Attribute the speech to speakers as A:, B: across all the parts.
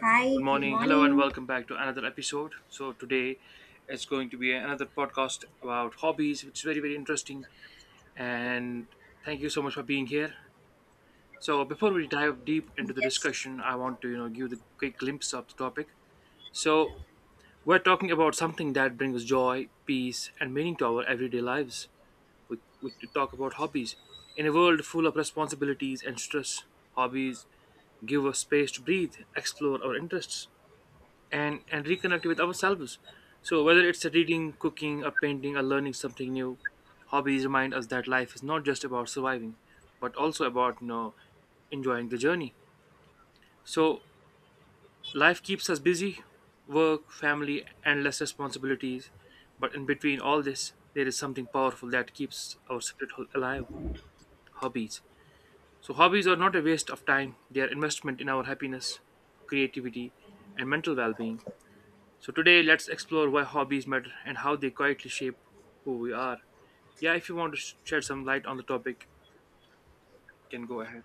A: Hi,
B: Good
A: good
B: morning. Hello, and
A: morning.
B: welcome back to another episode. So today it's going to be another podcast about hobbies, which is very, very interesting. And thank you so much for being here. So before we dive deep into the
A: Yes.
B: discussion, I want to, give the quick glimpse of the topic. So we're talking about something that brings joy, peace, and meaning to our everyday lives. We talk about hobbies. In a world full of responsibilities and stress, hobbies give us space to breathe, explore our interests, and reconnect with ourselves. So whether it's a reading, cooking, a painting, or learning something new, hobbies remind us that life is not just about surviving, but also about enjoying the journey. So life keeps us busy, work, family, endless responsibilities, but in between all this there is something powerful that keeps our spirit alive. Hobbies. So hobbies are not a waste of time, they are investment in our happiness, creativity, and mental well-being. So today, let's explore why hobbies matter and how they quietly shape who we are. Yeah, if you want to shed some light on the topic, you can go ahead.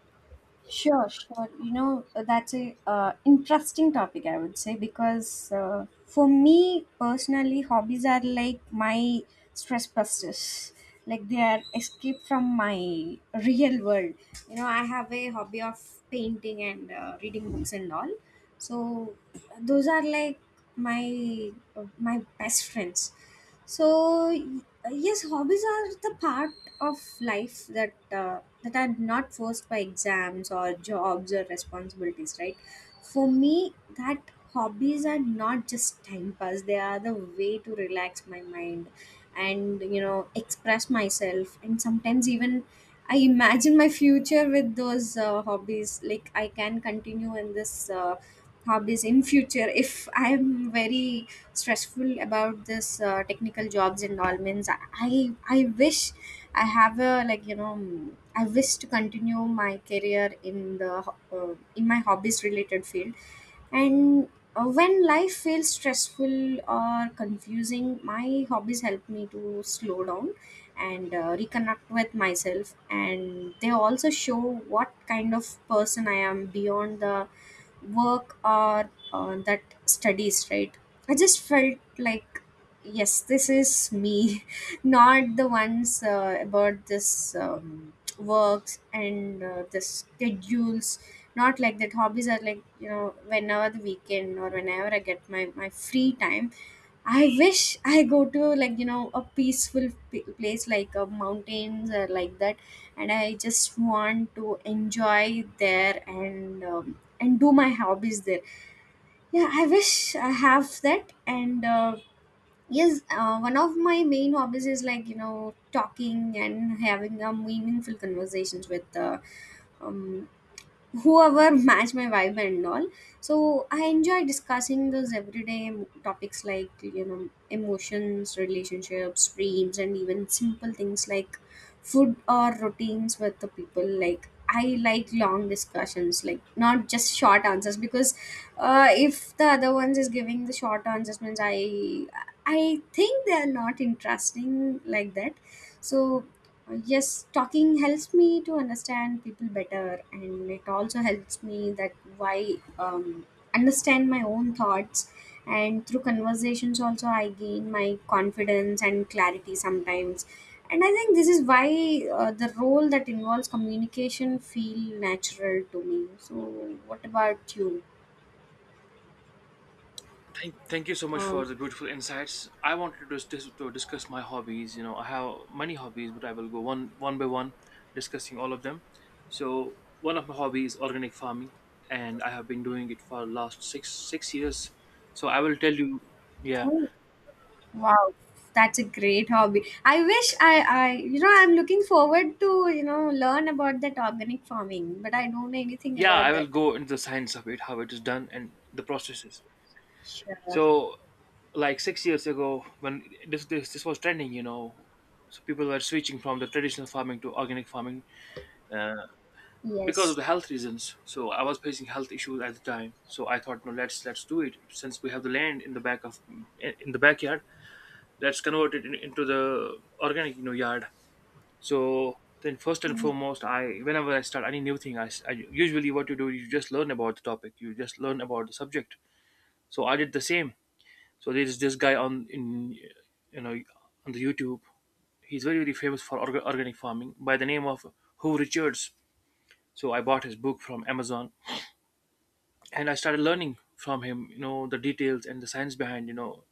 A: Sure, sure. You know, that's a interesting topic, I would say, because for me personally, hobbies are like my stress busters. Like they are escape from my real world. You know, I have a hobby of painting and reading books and all. So those are like my my best friends. So yes, hobbies are the part of life that are not forced by exams or jobs or responsibilities, right? For me, that hobbies are not just time pass; they are the way to relax my mind and you know express myself, and sometimes even. I imagine my future with those hobbies. Like I can continue in this hobbies in future if I am very stressful about this technical jobs and all means i I wish I have a like you know I wish to continue my career in the in my hobbies related field and when life feels stressful or confusing, my hobbies help me to slow down and reconnect with myself, and they also show what kind of person I am beyond the work or that studies, right? I just felt like yes, this is me not the ones about this works and the schedules. Not like that. Hobbies are like you know whenever the weekend or whenever I get my free time, I wish I go to like you know a peaceful place like mountains or like that, and I just want to enjoy there and do my hobbies there. Yeah, I wish I have that. And yes, one of my main hobbies is like you know talking and having a meaningful conversations with um, whoever match my vibe and all. So I enjoy discussing those everyday topics like you know emotions, relationships, dreams, and even simple things like food or routines with the people. Like I like long discussions, like not just short answers, because if the other ones is giving the short answers means I think they are not interesting like that. So yes, talking helps me to understand people better, and it also helps me that why understand my own thoughts. And through conversations also I gain my confidence and clarity sometimes. And I think this is why the role that involves communication feel natural to me. So what about you?
B: Thank you so much for
A: um,
B: the beautiful insights. I wanted to, to discuss my hobbies. You know, I have many hobbies, but I will go one by one, discussing all of them. So one of my hobbies is organic farming, and I have been doing it for last 6 6 years. So I will tell you, yeah,
A: how? Wow, that's a great hobby. I wish you know, I'm looking forward to, you know, learn about that organic farming, but I don't know anything
B: yeah, I
A: about
B: will
A: that.
B: go into the science of it, how it is done, and the processes.
A: Sure.
B: So like 6 years ago, when this was trending, you know, so people were switching from the traditional farming to organic farming, uh, because of
A: Yes.
B: the health reasons. So I was facing health issues at the time. So I thought, no, let's do it since we have the land in the back of, in the backyard. Let's convert it in, into the organic, you know, yard. So then, first and
A: Mm,
B: foremost, I, whenever I start any new thing, I, usually what you do, you just learn about the topic, you just learn about the subject. So I did the same. So there is this guy on, in, you know, on the YouTube. He's very, very famous for organic farming by the name of Hugh Richards. So I bought his book from Amazon and I started learning from him. You know, the details and the science behind, you know,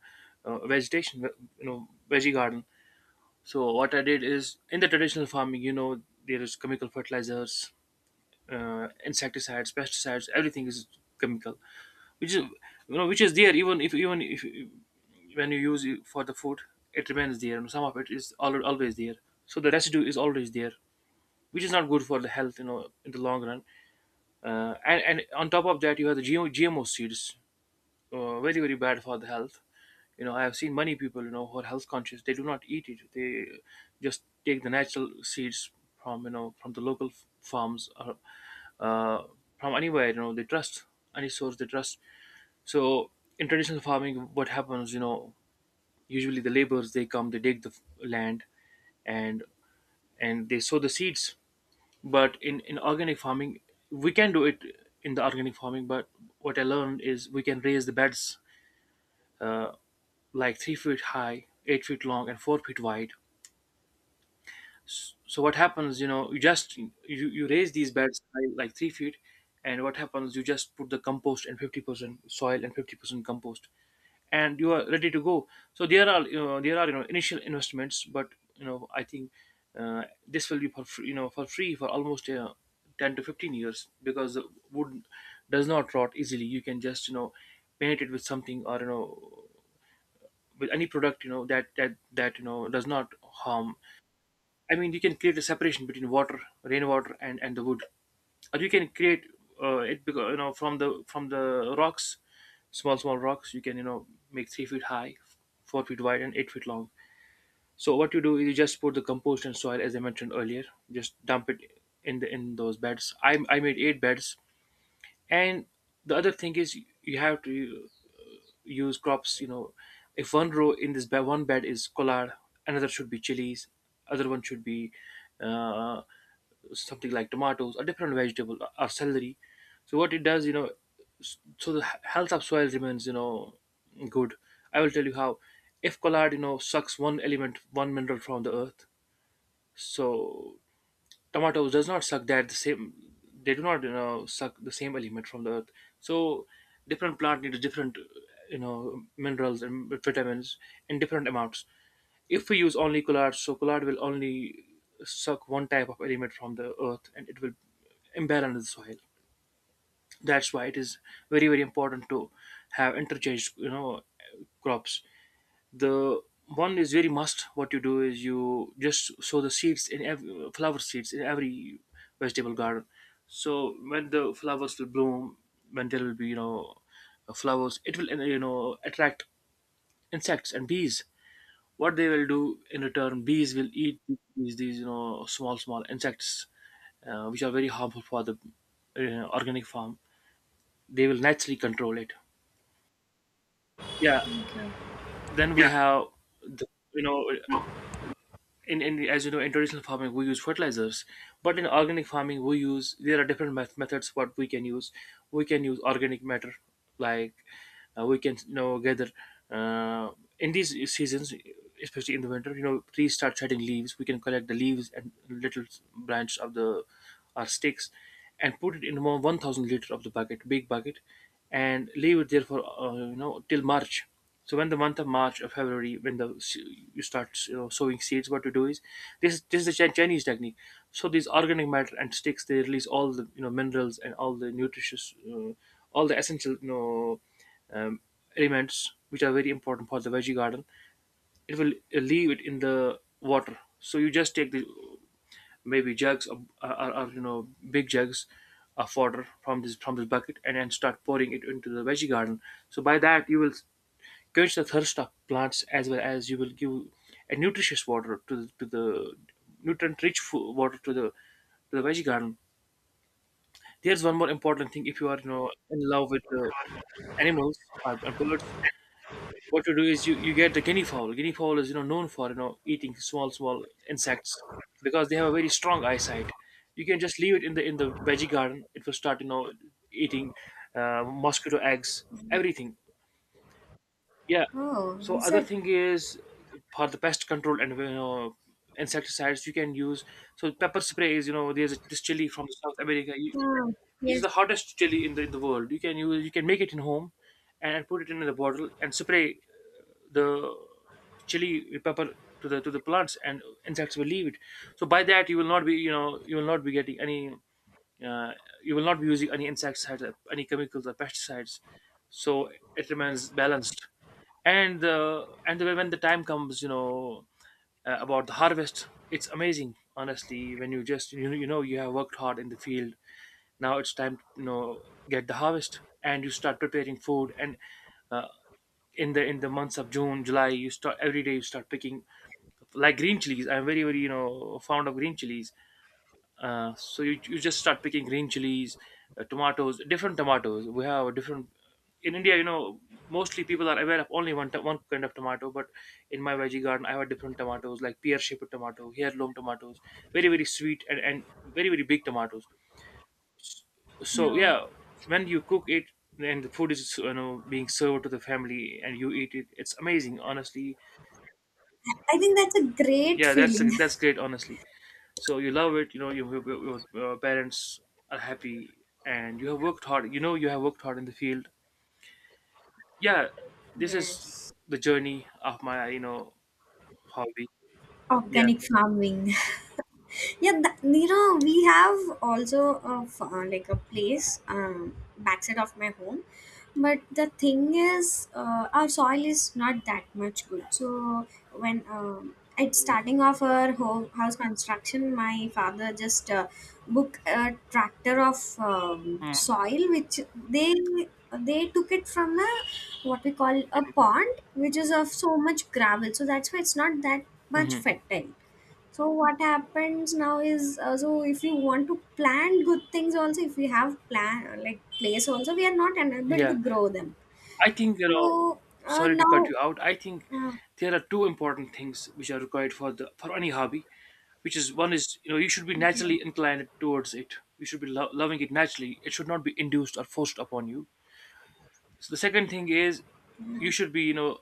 B: vegetation. You know, veggie garden. So what I did is, in the traditional farming, you know, there is chemical fertilizers, insecticides, pesticides. Everything is chemical, which is, you know, which is there, even if when you use it for the food, it remains there, and some of it is always there. So the residue is always there, which is not good for the health, you know, in the long run. And on top of that you have the GMO, GMO seeds, very, very bad for the health. You know, I have seen many people, you know, who are health conscious, they do not eat it, they just take the natural seeds from, you know, from the local farms, or uh, from anywhere, you know, they trust, any source they trust. So in traditional farming, what happens, you know, usually the laborers they come, they dig the land, and and they sow the seeds. But in organic farming, we can do it in the organic farming. But what I learned is we can raise the beds, uh, like 3 feet high, 8 feet long, and 4 feet wide. So what happens, you know, you raise these beds by like 3 feet. And what happens, you just put the compost, and 50% soil and 50% compost, and you are ready to go. So there are, you know, there are, you know, initial investments, but you know, I think this will be for free, you know, for free for almost 10 to 15 years, because the wood does not rot easily. You can just, you know, paint it with something, or you know, with any product, you know, that that you know does not harm. I mean, you can create a separation between water, rainwater, and the wood, or you can create it, because you know, from the, from the rocks, small small rocks. You can, you know, make 3 feet high, 4 feet wide, and 8 feet long. So what you do is you just put the compost and soil, as I mentioned earlier. Just dump it in the, in those beds. I made 8 beds, and the other thing is you have to use crops. You know, if one row in this bed, one bed is collard, another should be chilies, other one should be uh, something like tomatoes, a different vegetable or celery. So what it does, you know, so the health of soil remains, you know, good. I will tell you how. If collard, you know, sucks one element, one mineral from the earth, so tomatoes does not suck that the same, they do not, you know, suck the same element from the earth. So different plant needs different, you know, minerals and vitamins in different amounts. If we use only collard, so collard will only suck one type of element from the earth, and it will imbalance the soil. That's why it is very, very important to have interchange, you know, crops. The one is very must, what you do is you just sow the seeds in every, flower seeds in every vegetable garden. So when the flowers will bloom, when there will be, you know, flowers, it will, you know, attract insects and bees. What they will do in return, bees will eat these you know, small small insects, which are very harmful for the organic farm. They will naturally control it. Yeah.
A: okay.
B: Then we
A: Yeah.
B: have the, you know,
A: No.
B: in as you know, in traditional farming we use fertilizers, but in organic farming we use, there are different methods what we can use. We can use organic matter like, we can, you know, gather, uh, in these seasons, especially in the winter, you know, trees start shedding leaves. We can collect the leaves and little branches of the, or sticks, and put it in one 1000 liter of the bucket, big bucket, and leave it there for, you know, till March. So when the month of March or February, when the, you start, you know, sowing seeds, what you do is, this is the Chinese technique. So these organic matter and sticks, they release all the, you know, minerals and all the nutritious, all the essential, you know, um, elements, which are very important for the veggie garden. It will leave it in the water. So you just take the, maybe jugs, or you know, big jugs of water from this bucket, and then start pouring it into the veggie garden. So by that you will quench the thirst of plants, as well as you will give a nutritious water to to the nutrient rich food, water to the, to the veggie garden. There's one more important thing. If you are, you know, in love with the animals and birds, what you do is you get the guinea fowl. Guinea fowl is, you know, known for, you know, eating small small insects, because they have a very strong eyesight. You can just leave it in the, in the veggie garden. It will start, you know, eating, mosquito eggs, everything. Yeah.
A: Oh,
B: So
A: is
B: other
A: it?
B: thing is, for the pest control, and you know, insecticides you can use. So pepper spray is, you know, there's this chili from South America. You,
A: Oh,
B: it's
A: yes.
B: the hottest chili in the, in the world. You can use, you can make it in home and put it in the bottle and spray the chili pepper to the, to the plants, and insects will leave it. So by that you will not be, you know, you will not be getting any, uh, you will not be using any insecticides or any chemicals or pesticides. So it remains balanced. And the, and the, when the time comes, you know, about the harvest, it's amazing honestly, when you just you, know, you know, you have worked hard in the field. Now it's time to, you know, get the harvest, and you start preparing food, and uh, in the, in the months of June, July, you start every day, you start picking like green chilies. I'm very, very, you know, fond of green chilies. So you, you just start picking green chilies, tomatoes, different tomatoes. We have a different in India. You know, mostly people are aware of only one kind of tomato, but in my veggie garden, I have different tomatoes like pear shaped tomato, heirloom tomatoes, very very sweet and very very big tomatoes. So
A: No.
B: yeah, when you cook it and the food is being served to the family and you eat it, it's amazing honestly.
A: I think that's a great
B: Yeah, that's
A: feeling.
B: that's great honestly. So you love it, your parents are happy, and you have worked hard, you have worked hard in the field. Yeah, this is
A: Yes.
B: the journey of my hobby. Yeah.
A: Organic farming. Yeah, that, you know, we have also a, like a place backside of my home, but the thing is our soil is not that much good. So when it's starting of our home house construction, my father just book a tractor of
B: Mm-hmm.
A: soil which they they took it from a what we call a pond which is of so much gravel, so that's why it's not that much
B: Mm-hmm.
A: fertile. So what happens now is so if you want to plant good things also, if we have plan like place also, we are not unable to
B: Yeah.
A: grow them.
B: I think.
A: So
B: Sorry to cut
A: now
B: you out. I think
A: uh,
B: there are two important things which are required for any hobby, which is, one is, you should be
A: okay.
B: naturally inclined towards it. You should be loving it naturally. It should not be induced or forced upon you. So the second thing is, you
A: Yeah,
B: should be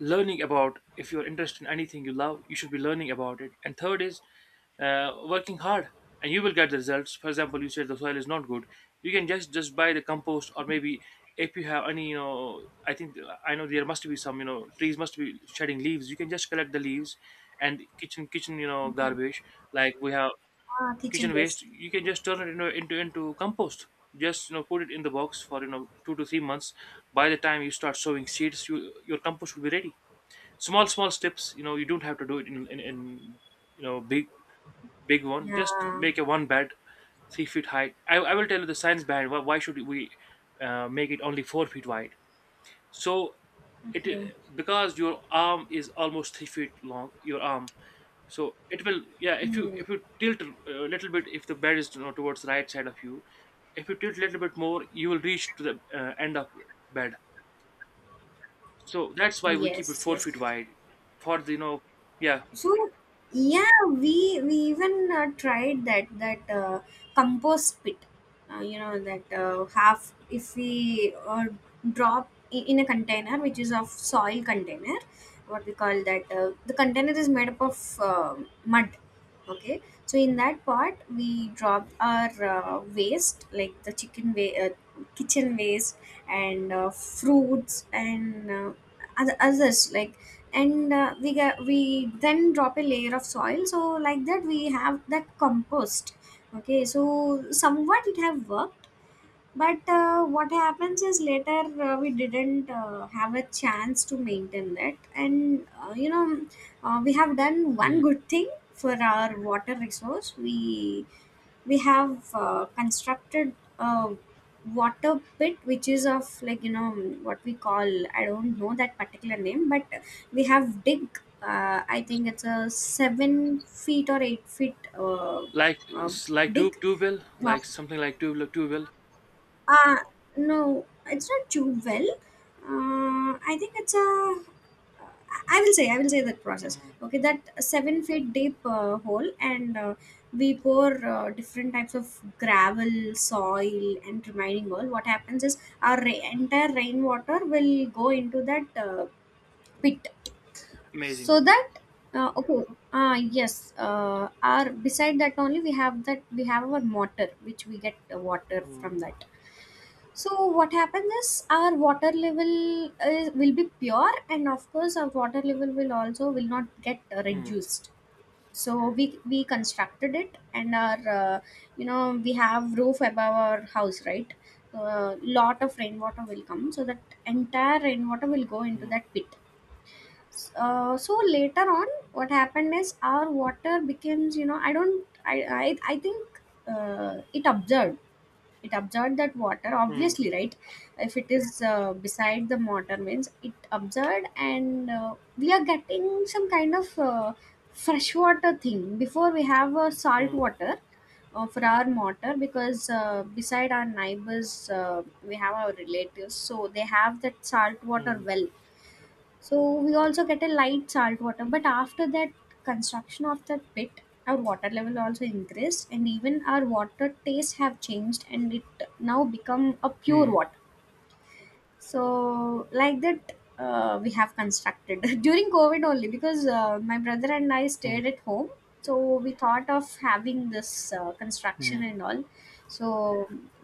B: learning about, if you're interested in anything you love, you should be learning about it. And third is working hard, and you will get the results. For example, you said the soil is not good. You can just buy the compost, or maybe if you have any, I think I know there must be some, trees must be shedding leaves. You can just collect the leaves and kitchen
A: okay.
B: garbage, like we have
A: Ah, kitchen
B: kitchen waste.
A: waste.
B: You can just turn it into compost. Just put it in the box for 2 to 3 months. By the time you start sowing seeds, your compost will be ready. Small small steps, you don't have to do it in big, big one. Just
A: Yeah,
B: make a one bed 3 feet high. I will tell you the science behind, why should we make it only 4 feet wide. So it
A: okay.
B: because your arm is almost 3 feet long, your arm. So it will, yeah, if you
A: Hmm.
B: if you tilt a little bit, if the bed is, towards the right side of you, if you tilt a little bit more, you will reach to the end of bed. So that's why we keep it
A: Yes,
B: four
A: yes.
B: feet wide for the you know Yeah.
A: So yeah, we even tried that compost pit. You know that half if we drop in a container which is of soil container, what we call that the container is made up of mud. Okay, so in that part we dropped our waste like the kitchen waste and fruits and other others like and we got, we then drop a layer of soil, so like that we have that compost. Okay, so somewhat it have worked, but what happens is later we didn't have a chance to maintain that, and you know we have done one
B: Mhm.
A: good thing for our water resource. We have constructed a water pit which is of like you know what we call, I don't know that particular name, but we have dig. I think it's a 7 feet or 8 feet
B: Like
A: uh,
B: s- like two
A: dig.
B: two bill,
A: Uh,
B: like something like tube two bill.
A: uh, no, it's not too well. I think it's a. I will say that process.
B: Mhm.
A: Okay, that 7 feet deep hole, and we pour different types of gravel, soil, and remaining oil. What happens is our entire rainwater will go into that pit,
B: Amazing.
A: so that okay, yes, our beside that only we have that we have our mortar, which we get water
B: Mhm.
A: from that. So what happens is our water level will be pure, and of course our water level will also will not get
B: Mhm.
A: reduced. So we constructed it, and our you know we have roof above our house, right? So a lot of rainwater will come, so that entire rainwater will go into
B: Mhm.
A: that pit. So later on, what happened is our water becomes you know I don't I I think it observed, it absorbed that water,
B: Mhm.
A: obviously, right? If it is beside the motor means it absorbed, and we are getting some kind of fresh water thing. Before we have salt
B: Mhm.
A: water for our mortar, because beside our neighbors we have our relatives, so they have that salt water
B: Mhm.
A: well. So we also get a light salt water, but after that construction of that pit, our water level also increased, and even our water taste have changed, and it now become a pure
B: Mhm.
A: water. So like that we have constructed during COVID only because my brother and I
B: Mhm.
A: stayed at home. So we thought of having this construction
B: Mhm.
A: and all. So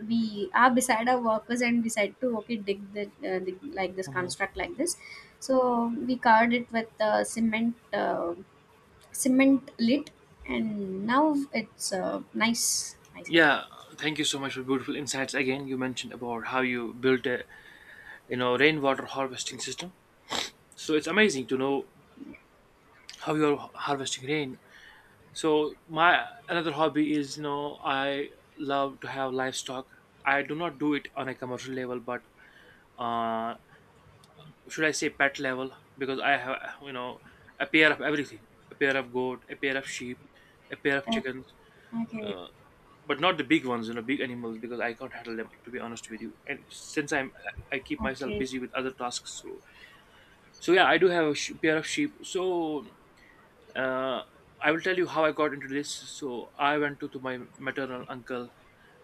A: we are beside our workers and decide to okay, dig the dig like this,
B: Mhm.
A: construct like this. So we covered it with cement cement lid, and now it's nice, I say.
B: Yeah, thank you so much for beautiful insights again. You mentioned about how you built a rainwater harvesting system. So it's amazing to know how you're harvesting rain. So my another hobby is, I love to have livestock. I do not do it on a commercial level, but uh, should I say pet level, because I have, a pair of everything, a pair of goat, a pair of sheep, a pair of
A: Uh,
B: chickens.
A: okay.
B: uh, but not the big ones, big animals, because I can't handle them, to be honest with you. And since I keep myself
A: Okay,
B: busy with other tasks. So, so yeah, I do have a pair of sheep. So uh, I will tell you how I got into this. So I went to my maternal uncle.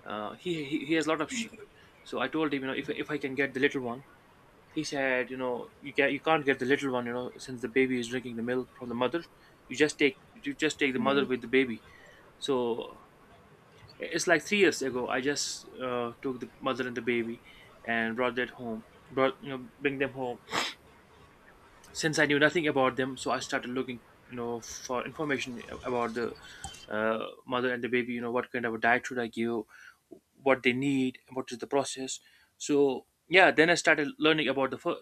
B: He has a lot of sheep.
A: okay.
B: So I told him, if I can get the little one. He said, you can't get the little one, since the baby is drinking the milk from the mother. You just take the
A: Hmm.
B: mother with the baby. So it's like 3 years ago. I just took the mother and the baby and brought that home. Bring them home. Since I knew nothing about them, so I started looking, for information about the uh, mother and the baby. You know, what kind of a diet should I give? What they need? What is the process? So yeah, then I started learning about the fir-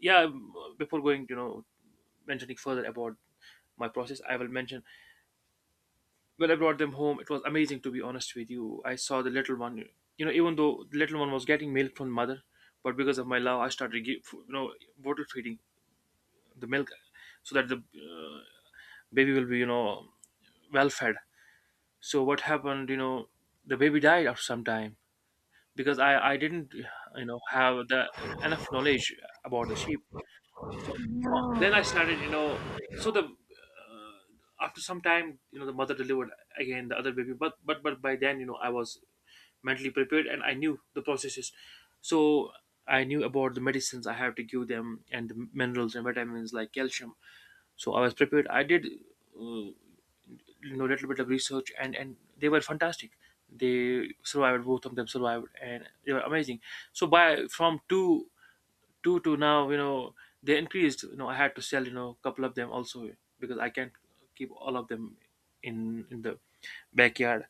B: yeah. Before going, mentioning further about my process, I will mention when I brought them home. It was amazing, to be honest with you. I saw the little one. Even though the little one was getting milk from mother, but because of my love, I started give, you know bottle feeding the milk, so that the uh, baby will be well fed. So what happened, the baby died after some time, because I didn't have the enough knowledge about the sheep. So then I
A: No.
B: started, so the after some time, the mother delivered again the other baby. But by then, I was mentally prepared, and I knew the processes. So I knew about the medicines I have to give them, and the minerals and vitamins like calcium. So I was prepared. I did uh, little bit of research, and they were fantastic. They survived. Both of them survived, and they were amazing. So by from two to now, they increased. I had to sell, a couple of them also, because I can't keep all of them in the backyard,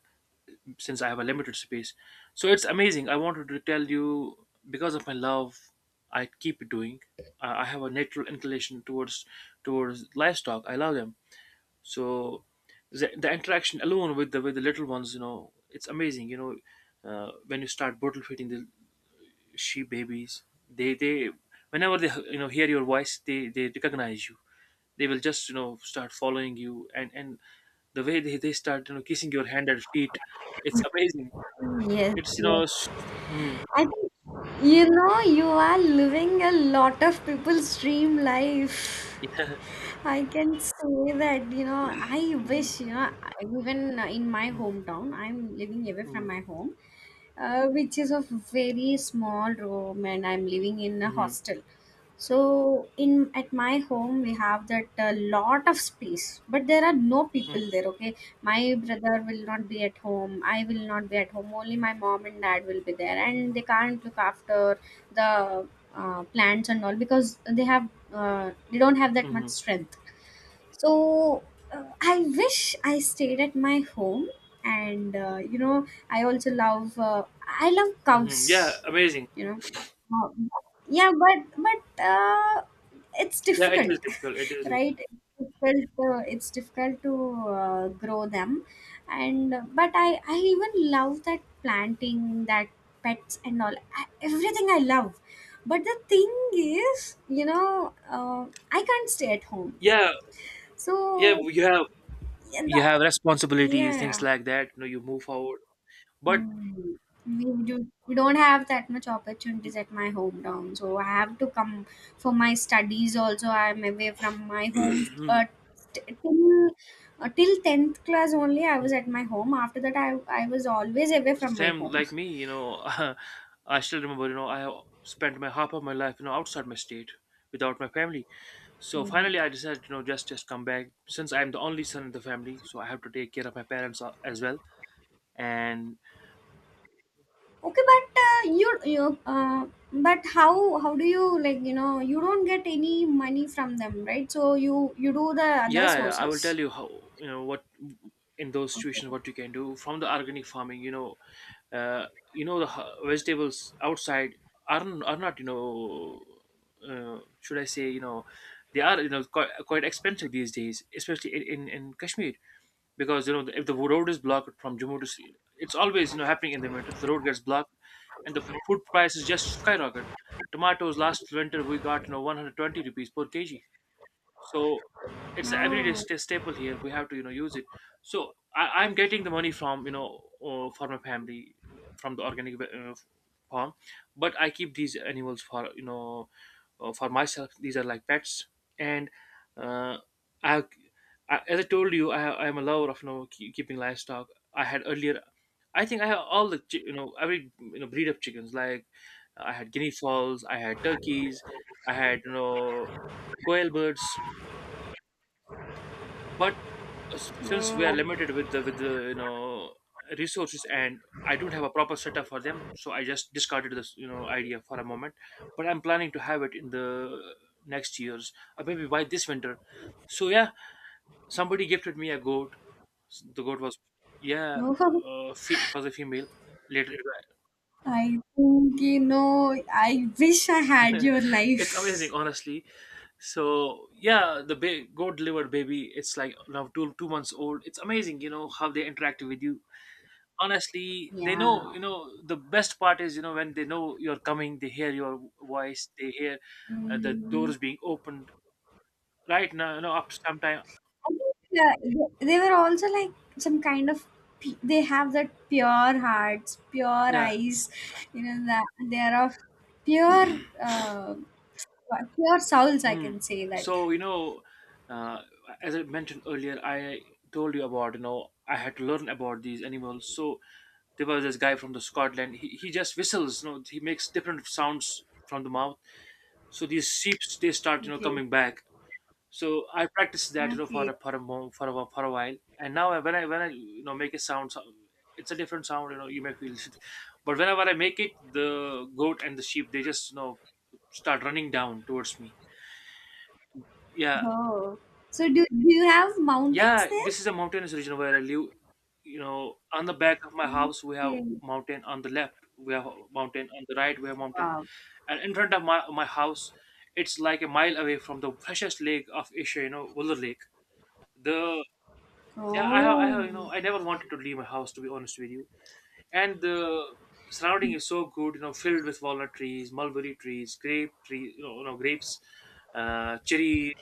B: since I have a limited space. So it's amazing. I wanted to tell you, because of my love I keep doing. I have a natural inclination towards livestock. I love them. So the interaction alone with the little ones, it's amazing. When you start bottle feeding the sheep babies, they whenever they hear your voice, they recognize you. They will just, start following you, and the way they start, kissing your hand and feet, it's amazing.
A: Yes,
B: It's
A: yes.
B: hmm,
A: I think you know you are living a lot of people's dream life.
B: yeah.
A: I can say that, you know, I
B: Mhm.
A: wish, you know, even in my hometown, I'm living away from
B: Mhm.
A: my home, which is a very small room, and I'm living in a
B: Mhm.
A: hostel. So in at my home we have that lot of space, but there are no people
B: Mhm.
A: there. Okay, my brother will not be at home. I will not be at home. Only my mom and dad will be there, and they can't look after the plants and all because they have they don't have that much
B: Mhm.
A: strength. So I wish I stayed at my home, and you know I also love. I love
B: Mhm. Yeah,
A: cows.
B: amazing.
A: You know uh, yeah, but it's
B: Yeah, it is
A: difficult,
B: difficult, it is difficult.
A: right? It's difficult. It's difficult to grow them, and but I even love that planting, that pets and all. I, everything I love, but the thing is, you know, I can't stay at home.
B: Yeah, yeah,
A: So
B: you have
A: yeah,
B: you have responsibilities,
A: yeah.
B: things like that, you move forward. But
A: Mm, we do we don't have that much opportunities at my hometown, so I have to come for my studies. Also, I am away from my home. Uh, till till 10th class only, I was at my home. After that, I was always away from my
B: same
A: home.
B: like me, I still remember, I spent my half of my life outside my state, without my family. So finally
A: Mm.
B: I decided, just come back, since I'm the only son in the family, so I have to take care of my parents as well. And
A: Okay, but you uh, but how do you like you know you don't get any money from them, right? So you do the other
B: yeah, I will tell
A: sources.
B: you how. You know what, in those
A: Okay.
B: situations, what you can do from the organic farming. Uh, the vegetables outside are not, should I say, they are, quite expensive these days, especially in Kashmir, because, if the road is blocked from Jammu it's always happening in the winter. The road gets blocked, and the food prices just skyrocket. Tomatoes, last winter we got, 120 rupees per kg. So it's a everyday
A: No.
B: staple here. We have to use it. So I'm getting the money from, for my family, from the organic farm. But I keep these animals for, for myself. These are like pets. And uh, I, I, as I told you, I am a lover of, keeping livestock. I had earlier, I think I have all the every breed of chickens, like I had guinea fowls, I had turkeys, I had, quail birds. But since we are
A: No.
B: limited with the resources, and I don't have a proper setup for them, so I just discarded this, idea for a moment. But I'm planning to have it in the next years, or maybe by this winter. So yeah, somebody gifted me a goat. The goat was, yeah,
A: No.
B: it was a female later.
A: I think, you know, I wish I had your
B: It's amazing
A: life.
B: honestly. So yeah, the goat delivered baby. It's like now two two months old. It's amazing, you know how they interact with you honestly. They know.
A: Yeah.
B: The best part is, when they know you're coming, they hear your voice, they hear the
A: Mm.
B: doors being opened. Right now, up to some time.
A: I think they were also like some kind of they have that pure hearts, pure
B: Yeah.
A: eyes, you know that they are of pure uh, pure souls. I
B: Mm.
A: can say that.
B: so you know uh, as I mentioned earlier, I told you about I had to learn about these animals. So there was this guy from the Scotland. He just whistles. He makes different sounds from the mouth, so these sheep they start
A: Okay.
B: coming back. So I practiced that, you know, for
A: Okay.
B: for a while, and now when I make a sound. It's a different sound. You know, you may feel it, but whenever I make it, the goat and the sheep they just start running down towards me. Yeah,
A: Oh. So do do you have mountains
B: yeah.
A: there?
B: This is a mountainous region where I live. You know, on the back of my house we have
A: Okay.
B: mountain. On the left we have mountain. On the right we have mountain,
A: Wow.
B: and in front of my house, it's like a mile away from the freshest lake of Asia. You know, Wooler Lake the Yeah, you
A: Oh.
B: know, I never wanted to leave my house, to be honest with you. And the surrounding is so good, you know, filled with walnut trees, mulberry trees, grape trees, you know, grapes, cherry.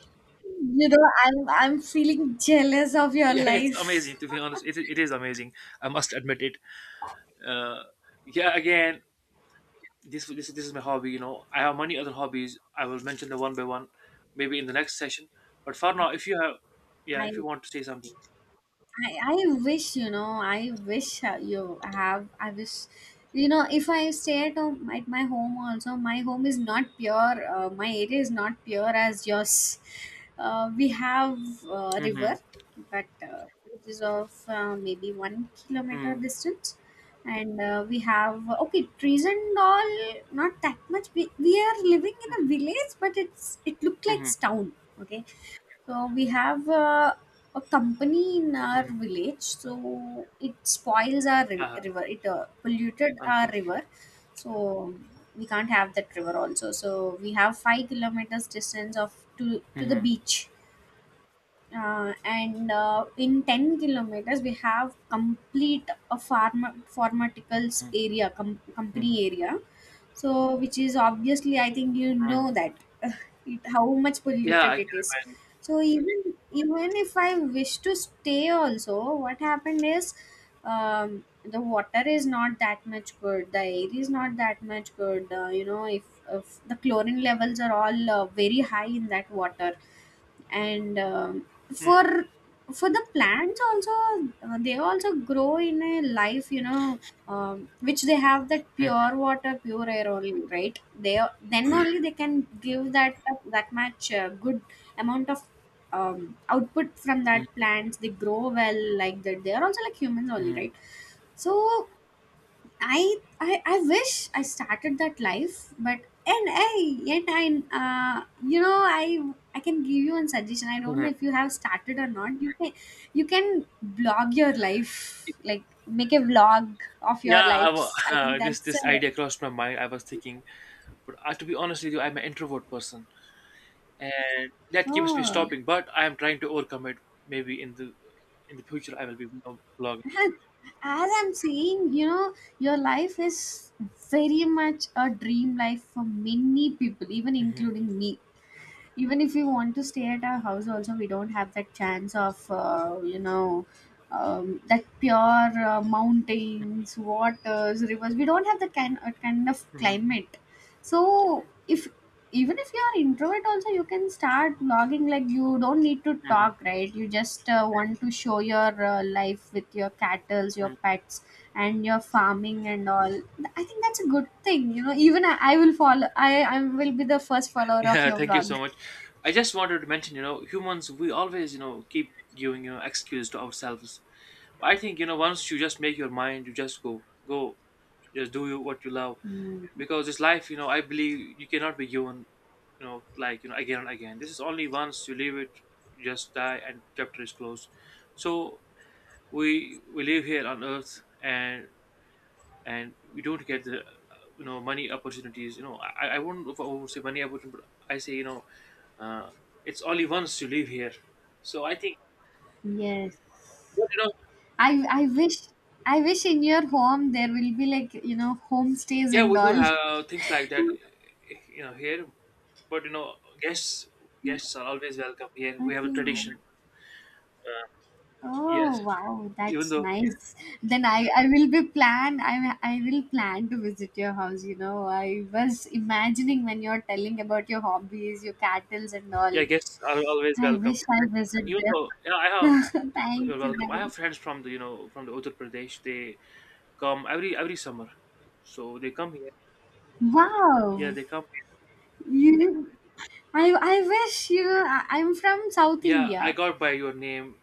A: You know, I'm feeling jealous of your
B: Yeah, it's
A: life.
B: amazing, to be honest. It is amazing. I must admit it. Uh, yeah, again, this is my hobby. You know, I have many other hobbies. I will mention them one by one, maybe in the next session. But for now, if you have, yeah, if
A: I
B: you want to say something.
A: I wish you know I wish you have I wish you know if I stay at home at my home also, my home is not pure my area is not pure as yours. We have river,
B: Mm-hmm.
A: but which is of maybe 1 kilometer
B: Mm-hmm.
A: distance. And we have okay trees and all, not that much. We are living in a village, but it's it looked like town, okay. So we have a company in our
B: Mm-hmm.
A: village, so it spoils our
B: Uh,
A: river. It polluted our
B: unfortunately.
A: river, so we can't have that river also. So we have 5 kilometers distance of to the
B: Mm-hmm.
A: beach, and in 10 kilometers we have complete a pharmaceuticals area, company
B: Mm-hmm.
A: area. So which is obviously I think you
B: Mm.
A: know that it, how much
B: Yeah, I
A: polluted
B: can
A: it is.
B: imagine.
A: So even even if I wish to stay also what happened is the water is not that much good, the air is not that much good. You know, if the chlorine levels are all very high in that water, and for
B: Mm.
A: for the plants also, they also grow in a life you know, which they have that
B: Mm.
A: pure water pure air only, right? They are- then only they can give that that much good amount of output from that
B: Mm.
A: plants they grow well like that. They are also like humans only,
B: Mm.
A: right? So I wish I started that life, but and I yet I you know I can give you one suggestion. I don't know
B: Mhm.
A: if you have started or not. You can blog your
B: It-
A: life, like make a vlog of your
B: Yeah,
A: lives. I think
B: this
A: that's
B: this
A: a
B: idea crossed my mind. I was thinking, but to be honest with you, I'm an introvert person, and that keeps me
A: oh.
B: stopping. But I am trying to overcome it. Maybe in the future, I will be more blogging.
A: As I'm saying, you know, your life is very much a dream life for many people, even
B: Hmm.
A: including me. Even if we want to stay at our house also, we don't have that chance of you know that pure mountains, waters, rivers. We don't have the kind of
B: Hmm.
A: climate. So if even if you are introvert also, you can start vlogging. Like you don't need to
B: Hmm.
A: talk, right? You just want to show your life with your cattles, your
B: Hmm.
A: pets and your farming and all. I think that's a good thing, you know. I will follow. I will be the first follower of
B: Yeah,
A: your
B: thank you so
A: vlog.
B: much. I just wanted to mention, you know, humans, we always, you know, keep giving, you know, excuse to ourselves. I think, you know, once you just make your mind, you just go, go, just do you what you love.
A: Mm.
B: Because this life, you know, I believe you cannot be given, you know, again and again. This is only once you leave it, you just die, and chapter is closed. So we live here on Earth, and we don't get the you know, money opportunities. You know, I won't say money opportunity, but I say, uh, it's only once you live here. So I think.
A: Yes.
B: But you know,
A: I I wish, I wish in your home there will be like, you know, homestays
B: yeah,
A: and
B: we do
A: all.
B: have things like that, you know, here. But you know, guests guests are always welcome here. We have a
A: Okay.
B: tradition. Uh,
A: Oh
B: yes,
A: wow,
B: even
A: that's
B: though
A: nice. Then I will be plan I will plan to visit your house, you know. I was imagining when you're telling about your hobbies, your cattles and all.
B: yeah, guests are always
A: I
B: welcome.
A: wish I visit
B: Even
A: there.
B: though yeah, I have, you're
A: Thank you.
B: welcome.
A: Thank
B: I
A: you.
B: have friends from the from the Uttar Pradesh. They come every summer, so they come here. Yeah,
A: Wow.
B: they come.
A: You I wish you I'm from South
B: Yeah, I
A: India.
B: got by your name.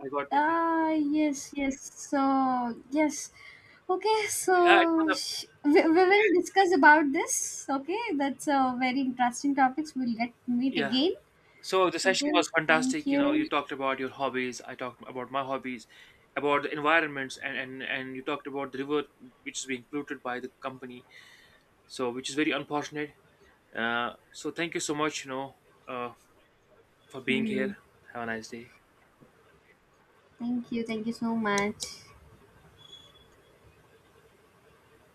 B: I got it.
A: Ah, yes, yes. So, yes. Okay,
B: Yeah, it
A: so
B: was a,
A: we will discuss about this. Okay, that's a very interesting topics. We'll get meet
B: yeah.
A: again.
B: So the session
A: Okay,
B: was
A: thank
B: fantastic. You know, you
A: you.
B: talked about your hobbies. I talked about my hobbies, about the environments, and and you talked about the river which is being polluted by the company. So which is very unfortunate. So thank you so much. You know, uh, for being
A: Mm,
B: here. Have a nice day.
A: thank you. Thank you so much.